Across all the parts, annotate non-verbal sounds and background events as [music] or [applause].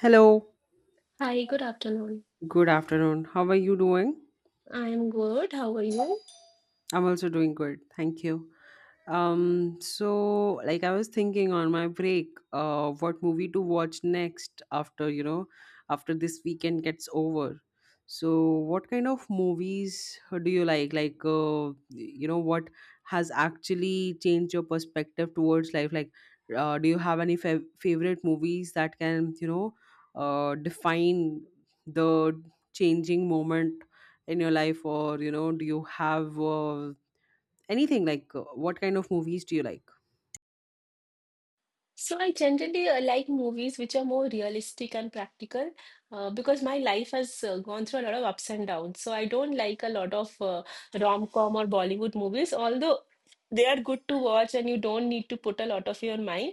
Hello, Hi, good afternoon. good afternoon. How are you doing? I am good. How are you? I'm also doing good. Thank you. So like I was thinking on my break, what movie to watch next after, after this weekend gets over. So what kind of movies do you like? Like, what has actually changed your perspective towards life? Like, do you have any favorite movies that can, define the changing moment in your life, or do you have anything like what kind of movies do you like? So I generally like movies which are more realistic and practical because my life has gone through a lot of ups and downs. So I don't like a lot of rom-com or Bollywood movies, although they are good to watch and you don't need to put a lot of your mind.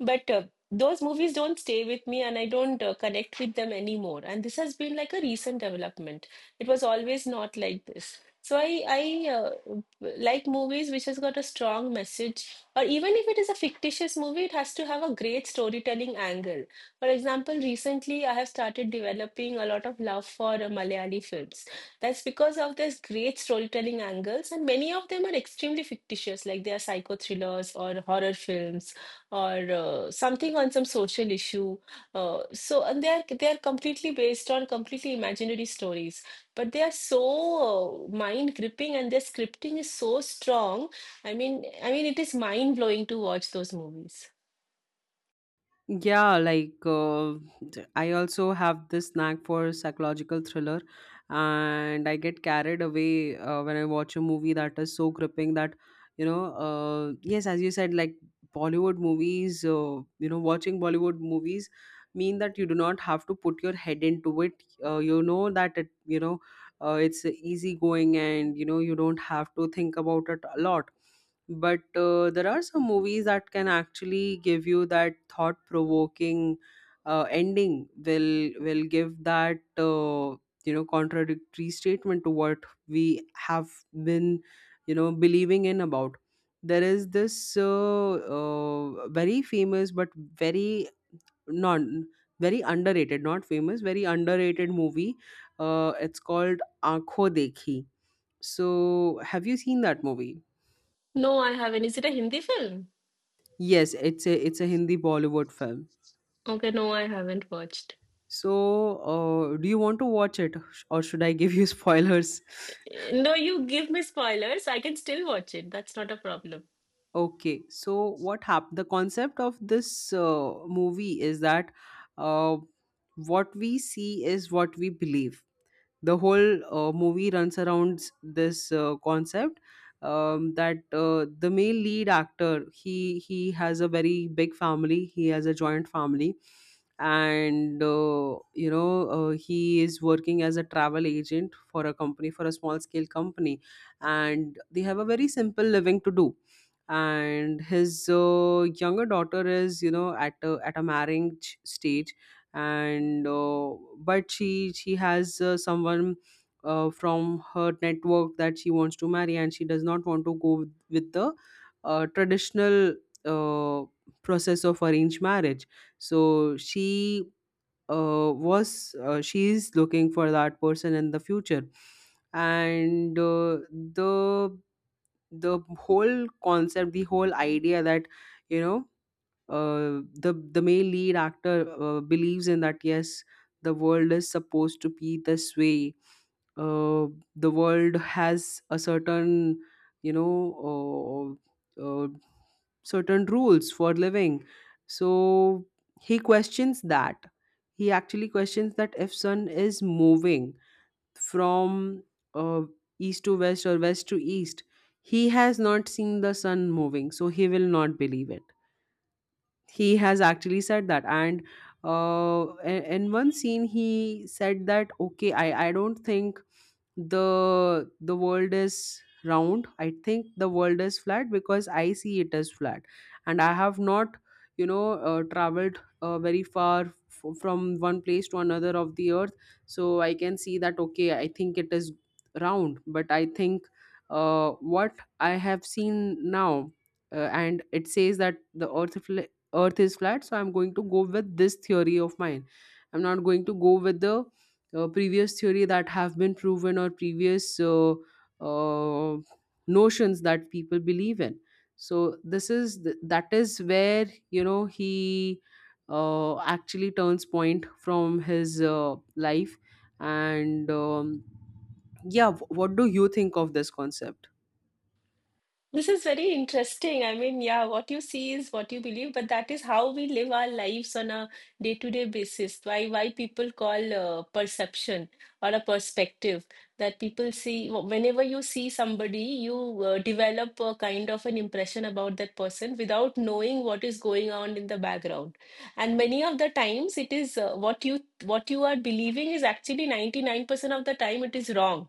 But those movies don't stay with me and I don't connect with them anymore. And this has been like a recent development. It was always not like this. So I like movies which has got a strong message or even if it is a fictitious movie, it has to have a great storytelling angle. For example, recently I have started developing a lot of love for Malayali films. That's because of these great storytelling angles, and many of them are extremely fictitious, like they are psycho thrillers or horror films or something on some social issue. So, and they are completely based on completely imaginary stories, but they are so mind gripping, and their scripting is so strong. I mean, it is mind blowing to watch those movies. Yeah, like, I also have this knack for psychological thriller, and I get carried away when I watch a movie that is so gripping that, yes, as you said, like, Bollywood movies, you know, watching Bollywood movies mean that you do not have to put your head into it. You know that you know it's easy going, and you know, you don't have to think about it a lot. But there are some movies that can actually give you that thought provoking ending. Will give that, you know, contradictory statement to what we have been, you know, believing in about. There is this, very famous, but very non very underrated not famous very underrated movie. It's called Aankho Dekhi. So have you seen that movie? No, I haven't. Is it a Hindi film? Yes, it's a Hindi Bollywood film. Okay, no, I haven't watched. So, do you want to watch it, or should I give you [laughs] spoilers? No, you give me spoilers. I can still watch it. That's not a problem. Okay, so what happened? The concept of this movie is that, uh, what we see is what we believe. The whole movie runs around this concept, that the male lead actor, he has a very big family, he has a joint family. And he is working as a travel agent for a company, for a small scale company, and they have a very simple living to do. And his younger daughter is, you know, at a marriage stage. And but she has someone from her network that she wants to marry, and she does not want to go with the traditional, uh, process of arranged marriage. So she is looking for that person in the future. And the the whole concept the whole idea that, you know uh, the male lead actor believes in, that yes, the world is supposed to be this way. uh, the world has a certain, you know uh, uh, certain rules for living. So he questions that. He actually questions that if sun is moving from, uh, east to west or west to east. He has not seen the sun moving, so he will not believe it. He has actually said that. And uh, in one scene, he said that, okay, I don't think the world is round. I think the world is flat because I see it as flat, and I have not, traveled very far, from one place to another of the earth. So I can see that, okay, I think it is round, but I think, what I have seen now, and it says that the earth is flat. So I'm going to go with this theory of mine. I'm not going to go with the, previous theory that have been proven, or previous, uh, notions that people believe in. So this is that is where, you know, he, actually turns point from his, life. And yeah, what do you think of this concept? This is very interesting. I mean, yeah, what you see is what you believe, but that is how we live our lives on a day-to-day basis. Why people call perception or a perspective that people see whenever you see somebody, you develop a kind of an impression about that person without knowing what is going on in the background. And many of the times, it is what you are believing is actually 99% of the time it is wrong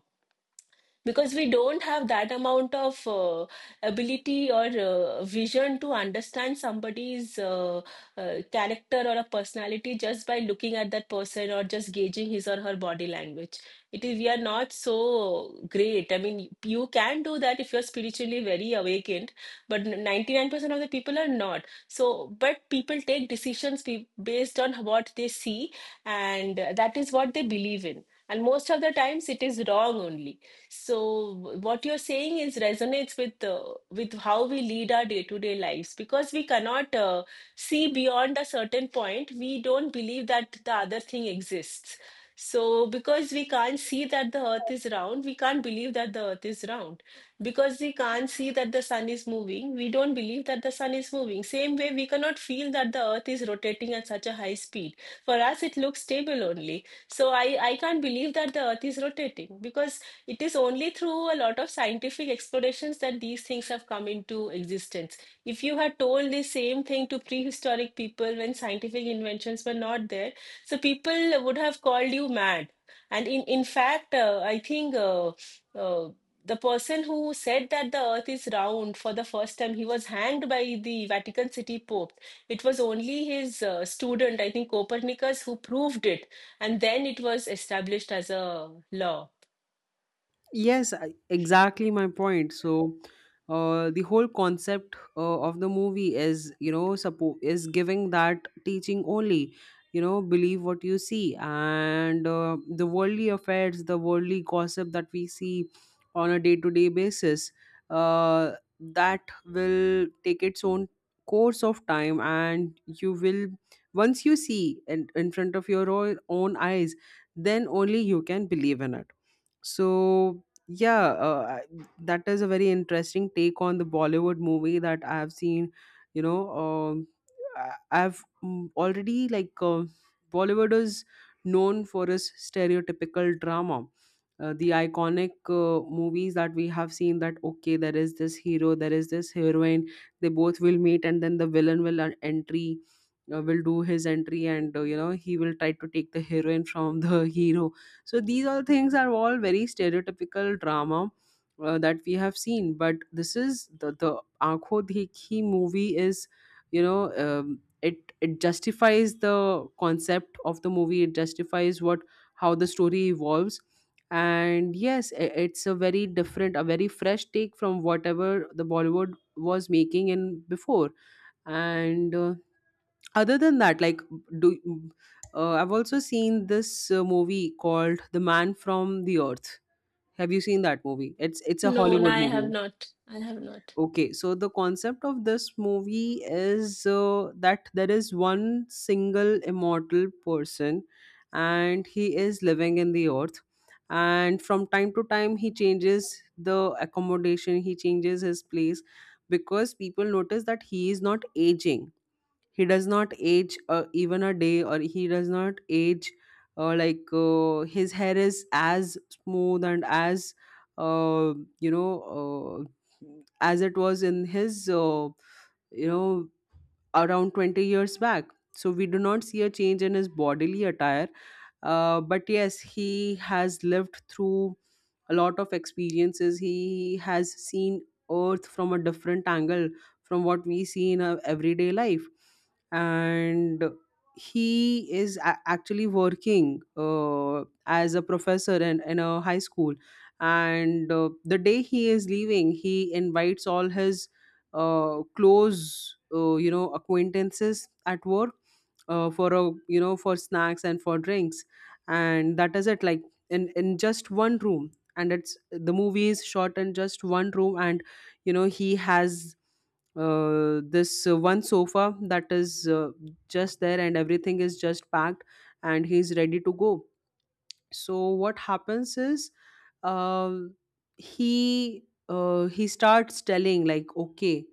because we don't have that amount of ability or vision to understand somebody's character or a personality just by looking at that person or just gauging his or her body language. It is we are not so great. I mean, you can do that if you're spiritually very awakened, but 99% of the people are not so, but people take decisions based on what they see, and that is what they believe in, and most of the times it is wrong only. So what you're saying is resonates with how we lead our day-to-day lives because we cannot see beyond a certain point. We don't believe that the other thing exists. So because we can't see that the earth is round, we can't believe that the earth is round. Because we can't see that the sun is moving, we don't believe that the sun is moving. Same way, we cannot feel that the earth is rotating at such a high speed. For us, it looks stable only. So I can't believe that the earth is rotating because it is only through a lot of scientific explorations that these things have come into existence. If you had told the same thing to prehistoric people when scientific inventions were not there, so people would have called you mad. And in fact, I think uh, the person who said that the earth is round for the first time, he was hanged by the Vatican City Pope. It was only his student, I think Copernicus, who proved it. And then it was established as a law. Yes, exactly my point. So, the whole concept of the movie is, you know, is giving that teaching only. You know, believe what you see. And the worldly affairs, the worldly gossip that we see on a day-to-day basis, uh, that will take its own course of time, and you will, once you see in front of your own eyes, then only you can believe in it. So yeah, that is a very interesting take on the Bollywood movie that I have seen. You know, I- already, like, Bollywood is known for its stereotypical drama. The iconic movies that we have seen, that okay, there is this hero, there is this heroine, they both will meet, and then the villain will, entry will do his entry. And you know, he will try to take the heroine from the [laughs] hero. So these all things are all very stereotypical drama that we have seen. But this is the Aankho Dekhi movie is, you know, it justifies the concept of the movie. It justifies what, how the story evolves. And yes, it's a very different, a very fresh take from whatever the Bollywood was making in before. And other than that, like, do I've also seen this movie called The Man from the Earth. Have you seen that movie? It's a No, no, Hollywood I have movie. not. I have not. Okay, so the concept of this movie is, that there is one single immortal person, and he is living in the earth. And from time to time, he changes the accommodation, he changes his place, because people notice that he is not aging. He does not age even a day, or he does not age, his hair is as smooth and as, uh, you know uh, as it was in his, you know, around 20 years back. So we do not see a change in his bodily attire. But yes, he has lived through a lot of experiences. He has seen Earth from a different angle from what we see in our everyday life. And he is actually working as a professor in a high school. And the day he is leaving, he invites all his, close, you know, acquaintances at work, for a, you know, for snacks and for drinks. And that is it, like, in just one room. And it's, the movie is shot in just one room. And you know, he has, this one sofa that is, just there, and everything is just packed, and he's ready to go. So what happens is, uh, he he starts telling, like, okay,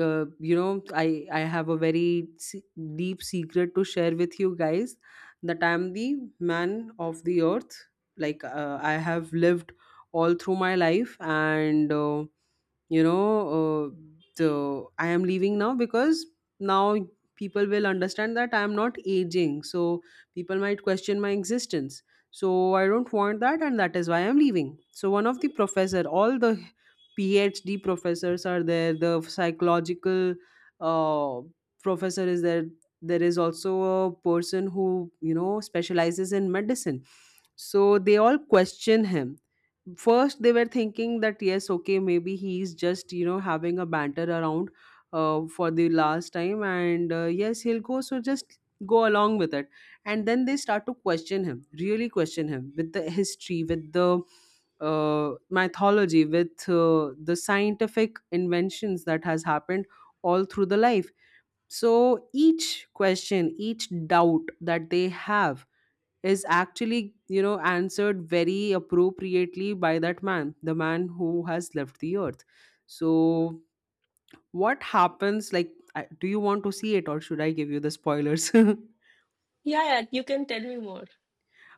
you know, I have a very deep secret to share with you guys, that I am the man of the earth. Like, I have lived all through my life. And you know uh, so I am leaving now, because now people will understand that I am not aging, so people might question my existence. So I don't want that, and that is why I'm leaving. So one of the professor, all the PhD professors are there, the psychological, uh, professor is there, there is also a person who, you know, specializes in medicine. So they all question him. First they were thinking that yes, okay, maybe he's just, you know, having a banter around, for the last time, and yes, he'll go, so just go along with it. And then they start to question him, really question him, with the history, with the, mythology, with the scientific inventions that has happened all through the life. So each question, each doubt that they have, is actually, you know, answered very appropriately by that man, the man who has left the earth. So, what happens? Like, do you want to see it, or should I give you the spoilers? [laughs] Yeah, yeah, you can tell me more.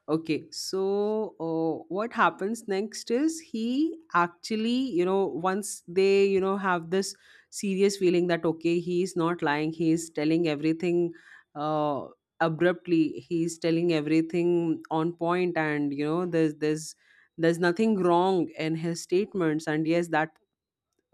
Okay, so what happens next is, he actually, you know, once they, you know, have this serious feeling that, okay, he's not lying, he's telling everything, uh, abruptly, he's telling everything on point. And, you know, there's nothing wrong in his statements. And yes, that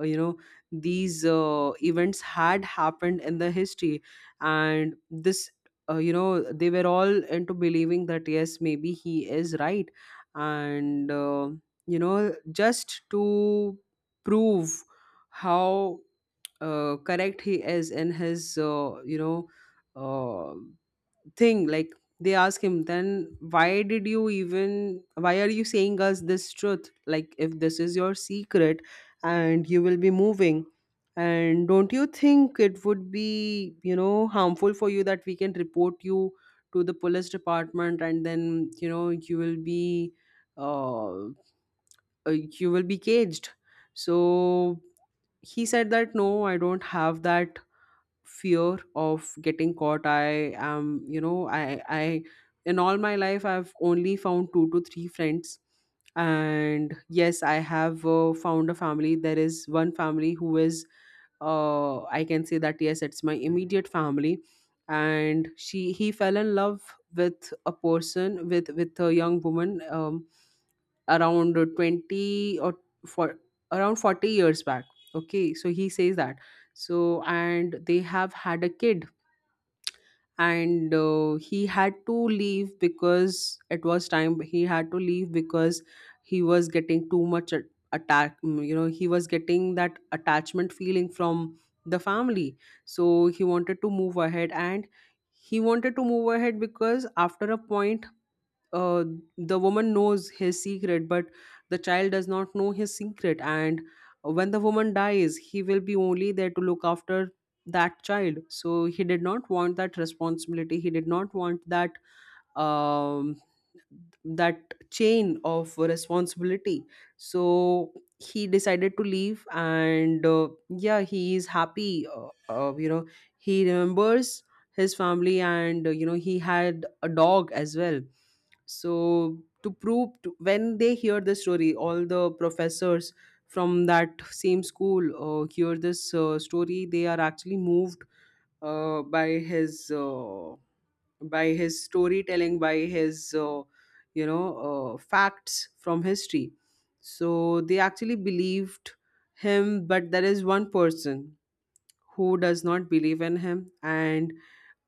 you know these events had happened in the history. And this you know they were all into believing that yes, maybe he is right. And just to prove how correct he is in his uh, thing, like they ask him, then, why did you even, why are you saying us this truth, like, if this is your secret and you will be moving? And don't you think it would be harmful for you, that we can report you to the police department? And then uh, uh, you will be caged. So he said that, no, I don't have that fear of getting caught. I am you know i i in all my life I've only found two to three friends. And yes, I have found a family. There is one family who is, I can say that, yes, it's my immediate family. And she he fell in love with a person, with a young woman, around 20, or for around 40 years back. Okay, so he says that, and they have had a kid. And he had to leave because it was time. He had to leave because he was getting too much a- attack mm, you know he was getting that attachment feeling from the family. So he wanted to move ahead, and he wanted to move ahead because, after a point, uh, the woman knows his secret, but the child does not know his secret. And when the woman dies, he will be only there to look after that child. So he did not want that responsibility. He did not want um, that chain of responsibility. So he decided to leave, and yeah, he is happy. Uh, you know, he remembers his family, and he had a dog as well. So, when they hear the story, all the professors from that same school hear this story. They are actually moved uh, by his. Uh, by his storytelling, by his facts from history. So they actually believed him, but there is one person who does not believe in him. And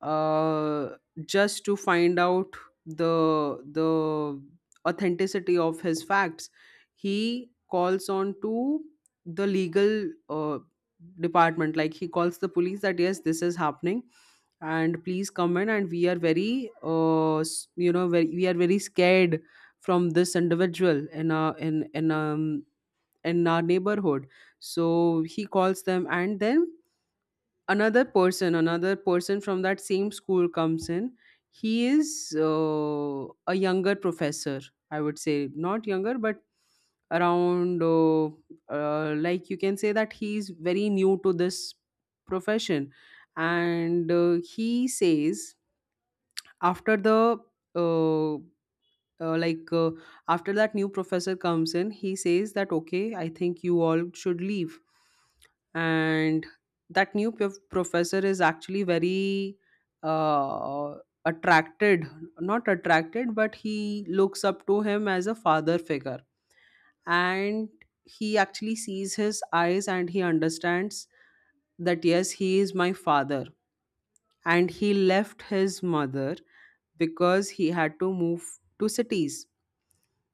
uh, just to find out the authenticity of his facts, he calls on to the legal department. Like, he calls the police that, yes, this is happening, and please come in, and we are very very, we are very scared from this individual in our neighborhood. So he calls them, and then another person from that same school comes in. He is a younger professor, I would say. Not younger, but around like, you can say that he's very new to this profession. And he says, after the uh, like after that new professor comes in, he says that, okay, I think you all should leave. And that new professor is actually very uh, attracted, not attracted, but he looks up to him as a father figure. And he actually sees his eyes, and he understands that, yes, he is my father, and he left his mother because he had to move to cities.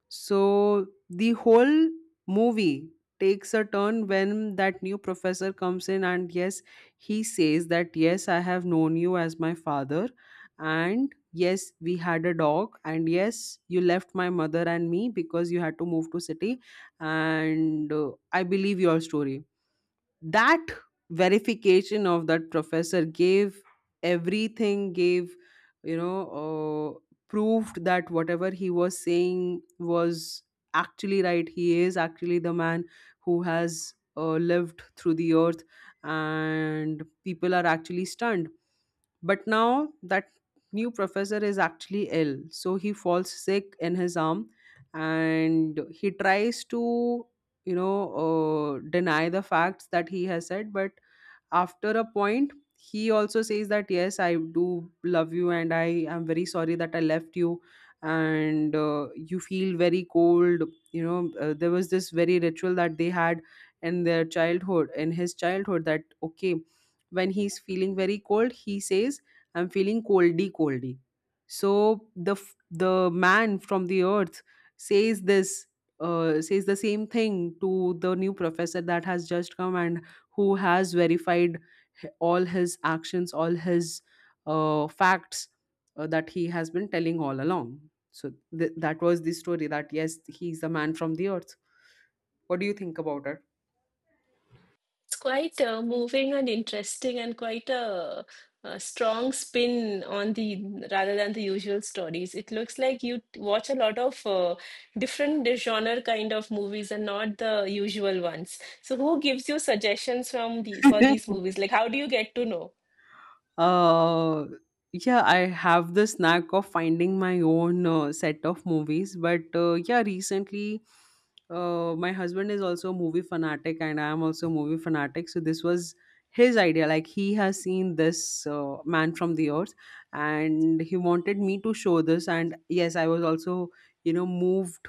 So the whole movie takes a turn when that new professor comes in, and yes, he says that, yes, I have known you as my father, and yes, we had a dog, and yes, you left my mother and me because you had to move to city. And I believe your story. That verification of that professor gave everything, gave, you know uh, proved that whatever he was saying was actually right. He is actually the man who has lived through the earth, and people are actually stunned. But now that new professor is actually ill, so he falls sick in his arm, and he tries to, you know, deny the facts that he has said. But after a point he also says that, yes, I do love you, and I am very sorry that I left you. And you feel very cold. There was this very ritual that they had in their childhood, in his childhood, that, okay, when he's feeling very cold, he says, I'm feeling coldy coldy. So the man from the earth says this, says the same thing to the new professor that has just come and who has verified, all his actions, all his facts that he has been telling all along. So that was the story, that yes, he's the man from the earth. What do you think about It's quite moving and interesting and quite a strong spin on the rather than the usual stories. It looks like you watch a lot of different genre kind of movies and not the usual ones. So who gives you suggestions from the for it? [laughs] these movies? Like how do you get to know? Uh, yeah, I have the knack of finding my own set of movies, but yeah, recently my husband is also a movie fanatic, and I am also a movie fanatic. So this was his idea. Like, he has seen this Man from the Earth, and he wanted me to show this. And yes, I was also moved,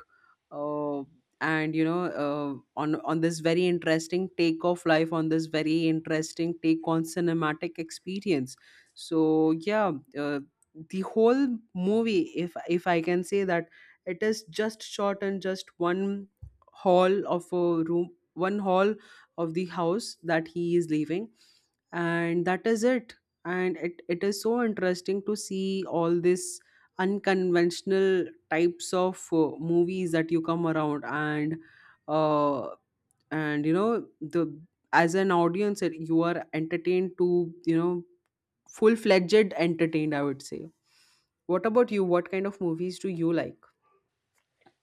uh, and you know on this very interesting take of life, on this very interesting take on cinematic experience. So yeah, uh, the whole movie, if I can say that, it is just shot in just one hall of a room, one hall of the house that he is leaving. And that is it. And it is so interesting to see all this unconventional types of movies that you come around. And uh, and you know the as an audience you are entertained to, you know full-fledged entertained, I would say. What about you? What kind of movies do you like?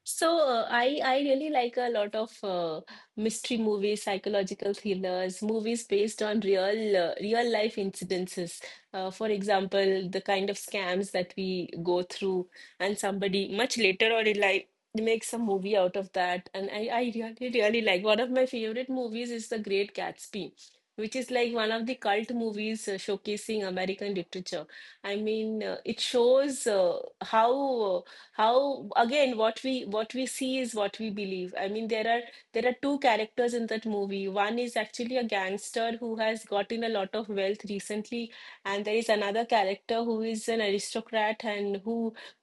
So I really like a lot of mystery movies, psychological thrillers, movies based on real real life incidences. For example, the kind of scams that we go through, and somebody much later on in life makes a movie out of that. And I really really like one of my favorite movies is The Great Gatsby, which is like one of the cult movies showcasing American literature. I mean, it shows uh, how again what we see is what we believe. I mean, there are two characters in that movie. One is actually a gangster who has gotten a lot of wealth recently, and there is another character who is an aristocrat and who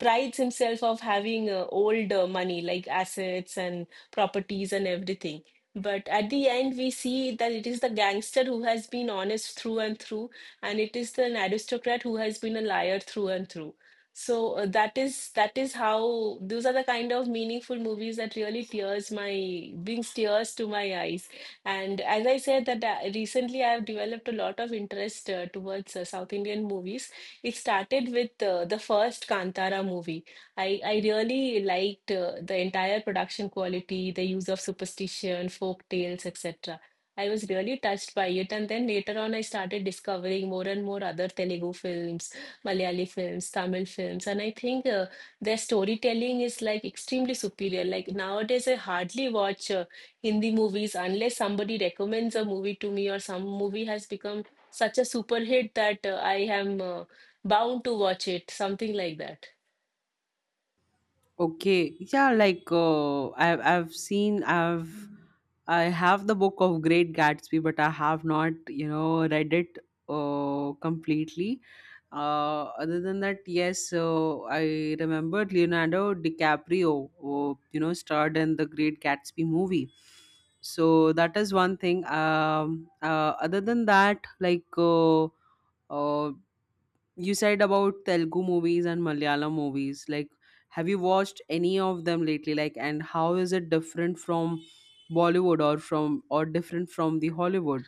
prides himself of having old money, like assets and properties and everything, but at the end we see that it is the gangster who has been honest through and through, and it is an aristocrat who has been a liar through and through. So that is how those are the kind of meaningful movies that really tears my brings tears to my eyes. And as I said that recently I have developed a lot of interest towards South Indian movies. It started with the first Kantara movie. I really liked the entire production quality, the use of superstition, folk tales, etc. I was really touched by it, and then later on I started discovering more and more other Telugu films, Malayali films, Tamil films, and I think their storytelling is like extremely superior. Like nowadays, I hardly watch Hindi movies unless somebody recommends a movie to me or some movie has become such a super hit that I am bound to watch it, something like that. Okay, yeah, like, I've seen I've I have the book of Great Gatsby, but I have not read it completely. Other than that, yes, so I remember Leonardo DiCaprio, who, starred in the Great Gatsby movie. So that is one thing. Other than that, like, uh, you said about Telugu movies and Malayalam movies. Like, have you watched any of them lately? Like, and how is it different from Bollywood, or from or different from the Hollywood?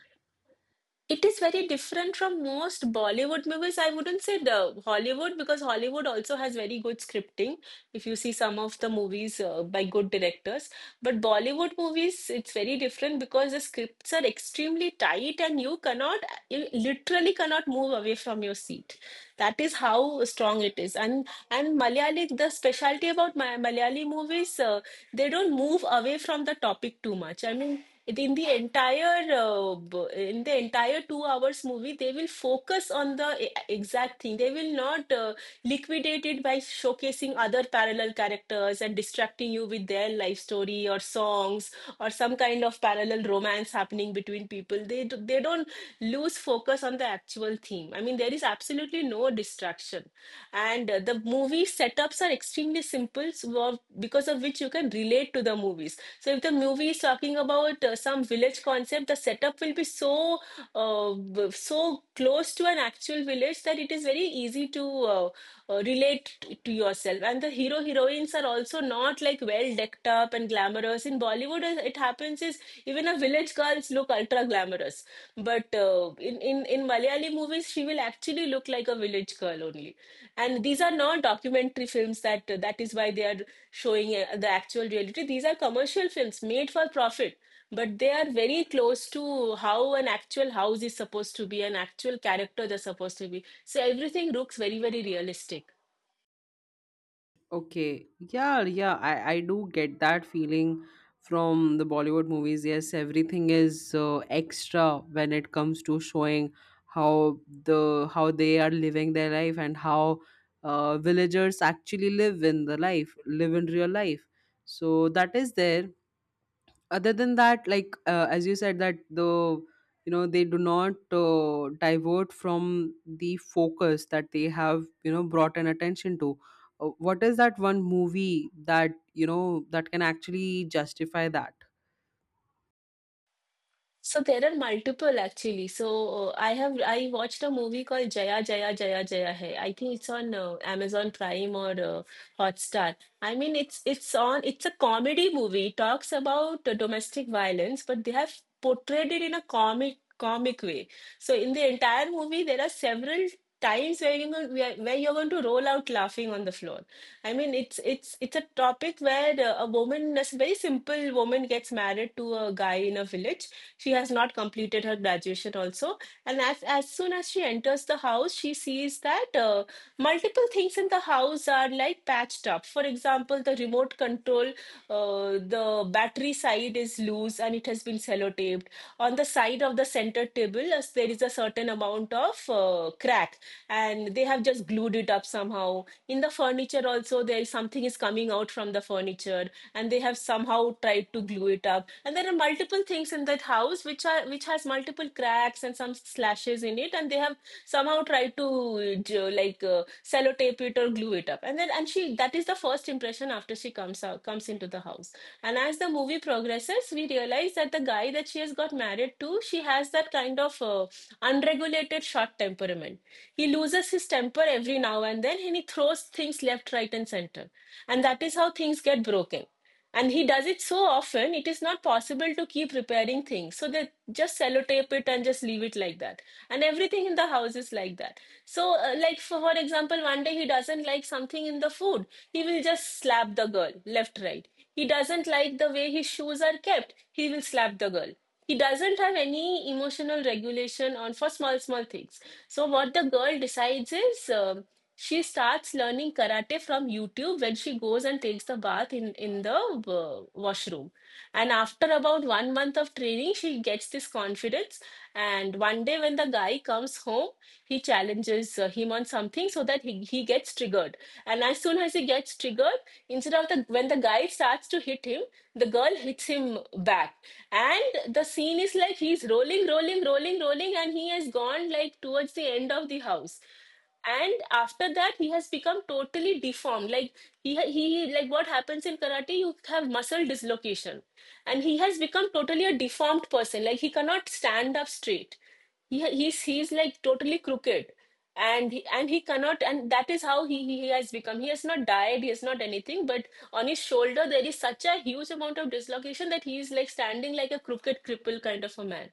It is very different from most Bollywood movies. I wouldn't say the Hollywood because Hollywood also has very good scripting. If you see some of the movies by good directors, but Bollywood movies, it's very different because the scripts are extremely tight and you literally cannot move away from your seat. That is how strong it is. And Malayali, the specialty about my Malayali movies, they don't move away from the topic too much. I mean, in the entire in the entire 2 hours movie, they will focus on the exact thing. They will not liquidate it by showcasing other parallel characters and distracting you with their life story or songs or some kind of parallel romance happening between people. They don't lose focus on the actual theme. I mean, there is absolutely no distraction, and the movie setups are extremely simple, so because of which you can relate to the movies. So if the movie is talking about some village concept, the setup will be so so close to an actual village that it is very easy to relate to yourself. And the hero heroines are also not like well decked up and glamorous. In Bollywood it happens is even a village girls look ultra glamorous, but in Malayali movies she will actually look like a village girl only. And these are not documentary films, that is why they are showing the actual reality. These are commercial films made for profit, but they are very close to how an actual house is supposed to be, an actual character they're supposed to be. So everything looks very very realistic. Okay. Yeah, yeah, I do get that feeling from the Bollywood movies. Yes, everything is extra when it comes to showing how how they are living their life, and how villagers actually live in the life, live in real life. So that is there. Other than that, like, as you said that, they do not divert from the focus that they have, brought an attention to. What is that one movie that, that can actually justify that? So there are multiple actually. So I watched a movie called Jaya Jaya Jaya Jaya Hai. I think it's on Amazon Prime or Hotstar. I mean it's a comedy movie. It talks about domestic violence, but they have portrayed it in a comic way. So in the entire movie there are several times where you know where you're going to roll out laughing on the floor. I mean, it's a topic where a woman, a very simple woman, gets married to a guy in a village, she has not completed her graduation also. And as soon as she enters the house, she sees that multiple things in the house are like patched up. For example, the remote control, the battery side is loose and it has been sellotaped. On the side of the center table, as there is a certain amount of crack and they have just glued it up somehow. In the furniture also, there is something is coming out from the furniture, and they have somehow tried to glue it up. And there are multiple things in that house which has multiple cracks and some slashes in it, and they have somehow tried to like sellotape it or glue it up. And then, and she that is the first impression after she comes into the house. And as the movie progresses, we realize that the guy that she has got married to, she has that kind of unregulated short temperament. He loses his temper every now and then, and he throws things left, right, and center. And that is how things get broken. And he does it so often, it is not possible to keep repairing things. So they just sellotape it and just leave it like that. And everything in the house is like that. So, like for example, one day he doesn't like something in the food, he will just slap the girl left, right. He doesn't like the way his shoes are kept, he will slap the girl. He doesn't have any emotional regulation on for small small things. So what the girl decides is, she starts learning karate from YouTube. When she goes and takes the bath in the washroom, and after about one month of training, she gets this confidence. And one day, why when the guy comes home, he challenges him on something so that he gets triggered. And as soon as he gets triggered, instead of the when the guy starts to hit him, the girl hits him back. And the scene is like he's rolling, rolling, rolling, rolling, and he has gone like towards the end of the house. And after that, he has become totally deformed. Like, he like what happens in karate, you have muscle dislocation, and he has become totally a deformed person. Like, he cannot stand up straight, he ha- he's like totally crooked. And he cannot, and that is how he has become. He has not died, he has not anything, but on his shoulder there is such a huge amount of dislocation that he is like standing like a crooked cripple kind of a man.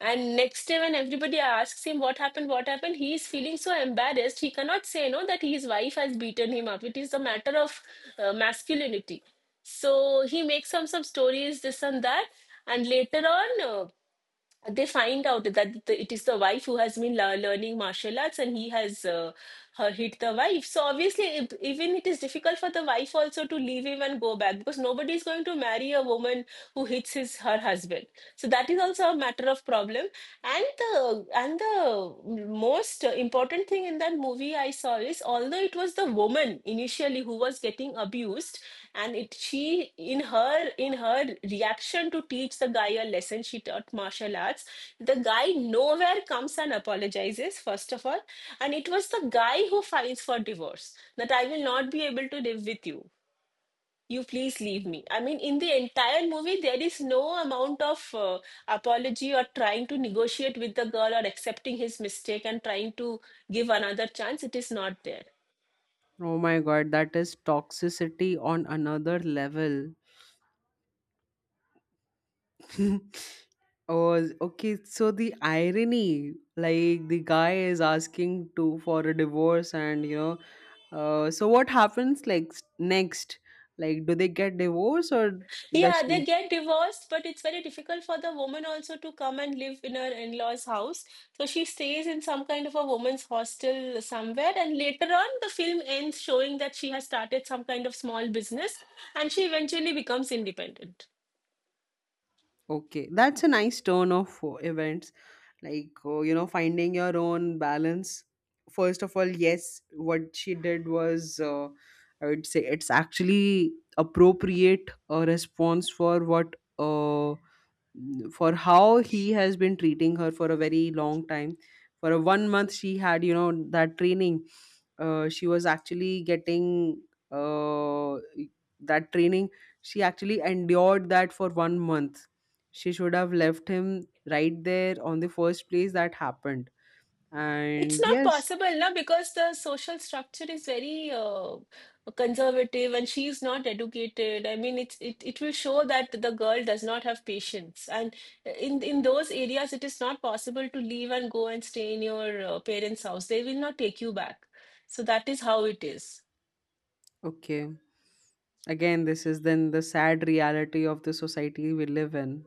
And next day, when everybody asks him what happened, he is feeling so embarrassed. He cannot say no that his wife has beaten him up. It is a matter of masculinity. So he makes some stories, this and that, and later on. They find out that it is the wife who has been learning martial arts, and he has her hit the wife. So obviously, if, even it is difficult for the wife also to leave him and go back, because nobody is going to marry a woman who hits his her husband. So that is also a matter of problem. And the most important thing in that movie I saw is, although it was the woman initially who was getting abused, and it she in her reaction to teach the guy a lesson, she taught martial arts. The guy nowhere comes and apologizes first of all, and it was the guy who files for divorce, that I will not be able to live with you, you please leave me. I mean, in the entire movie, there is no amount of apology or trying to negotiate with the girl or accepting his mistake and trying to give another chance. It is not there. Oh my god, that is toxicity on another level. [laughs] Oh, okay. So the irony, like, the guy is asking to for a divorce, and so what happens, like, next? Like, do they get divorced, or does Yeah, she? they get divorced, but it's very difficult for the woman also to come and live in her in-laws' house. So she stays in some kind of a woman's hostel somewhere, and later on, the film ends showing that she has started some kind of small business, and she eventually becomes independent. Okay, that's a nice turn of events. Like, finding your own balance. First of all, yes, what she did was, I would say, it's actually appropriate response for what for how he has been treating her for a very long time. For a one month she had, that training. She was actually getting uh, that training. She actually endured that for one month. She should have left him right there on the first place that happened. It's And not yes. possible, na, because the social structure is very conservative, and she's not educated. I mean, it will show that the girl does not have patience. And in those areas, it is not possible to leave and go and stay in your parents' house. They will not take you back. So that is how it is. Okay, again, this is then the sad reality of the society we live in.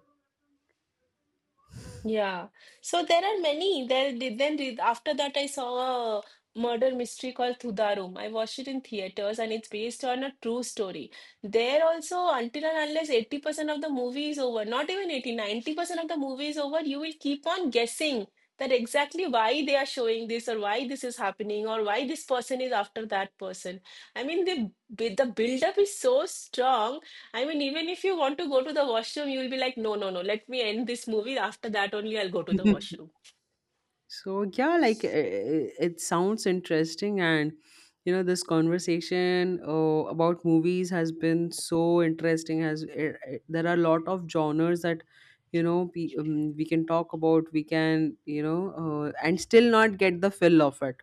Yeah. So there are many. There did then did after that, I saw a murder mystery called Thudarum. I watched it in theaters, and it's based on a true story. There also, until and unless 80% of the movie is over, not even 80, 90% of the movie is over, you will keep on guessing that exactly why they are showing this, or why this is happening, or why this person is after that person. I mean, the build up is so strong. I mean, even if you want to go to the washroom, you'll be like, no, no, no, let me end this movie. After that, only I'll go to the washroom. [laughs] So yeah, like, it sounds interesting. And, this conversation about movies has been so interesting. Has There are a lot of genres that, we can talk about. We can, and still not get the fill of it.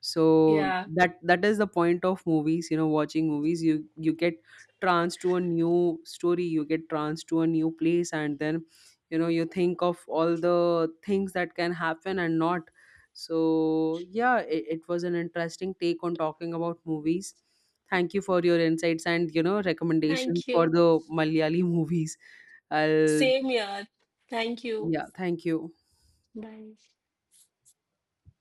So Yeah. that is the point of movies. You know, watching movies, you get trans to a new story, you get trans to a new place. And then you think of all the things that can happen and not. So yeah, it was an interesting take on talking about movies. Thank you for your insights and, recommendations Thank for you. the Malayali [laughs] movies. I'll, Same here. Thank you. yeah, thank you. Bye.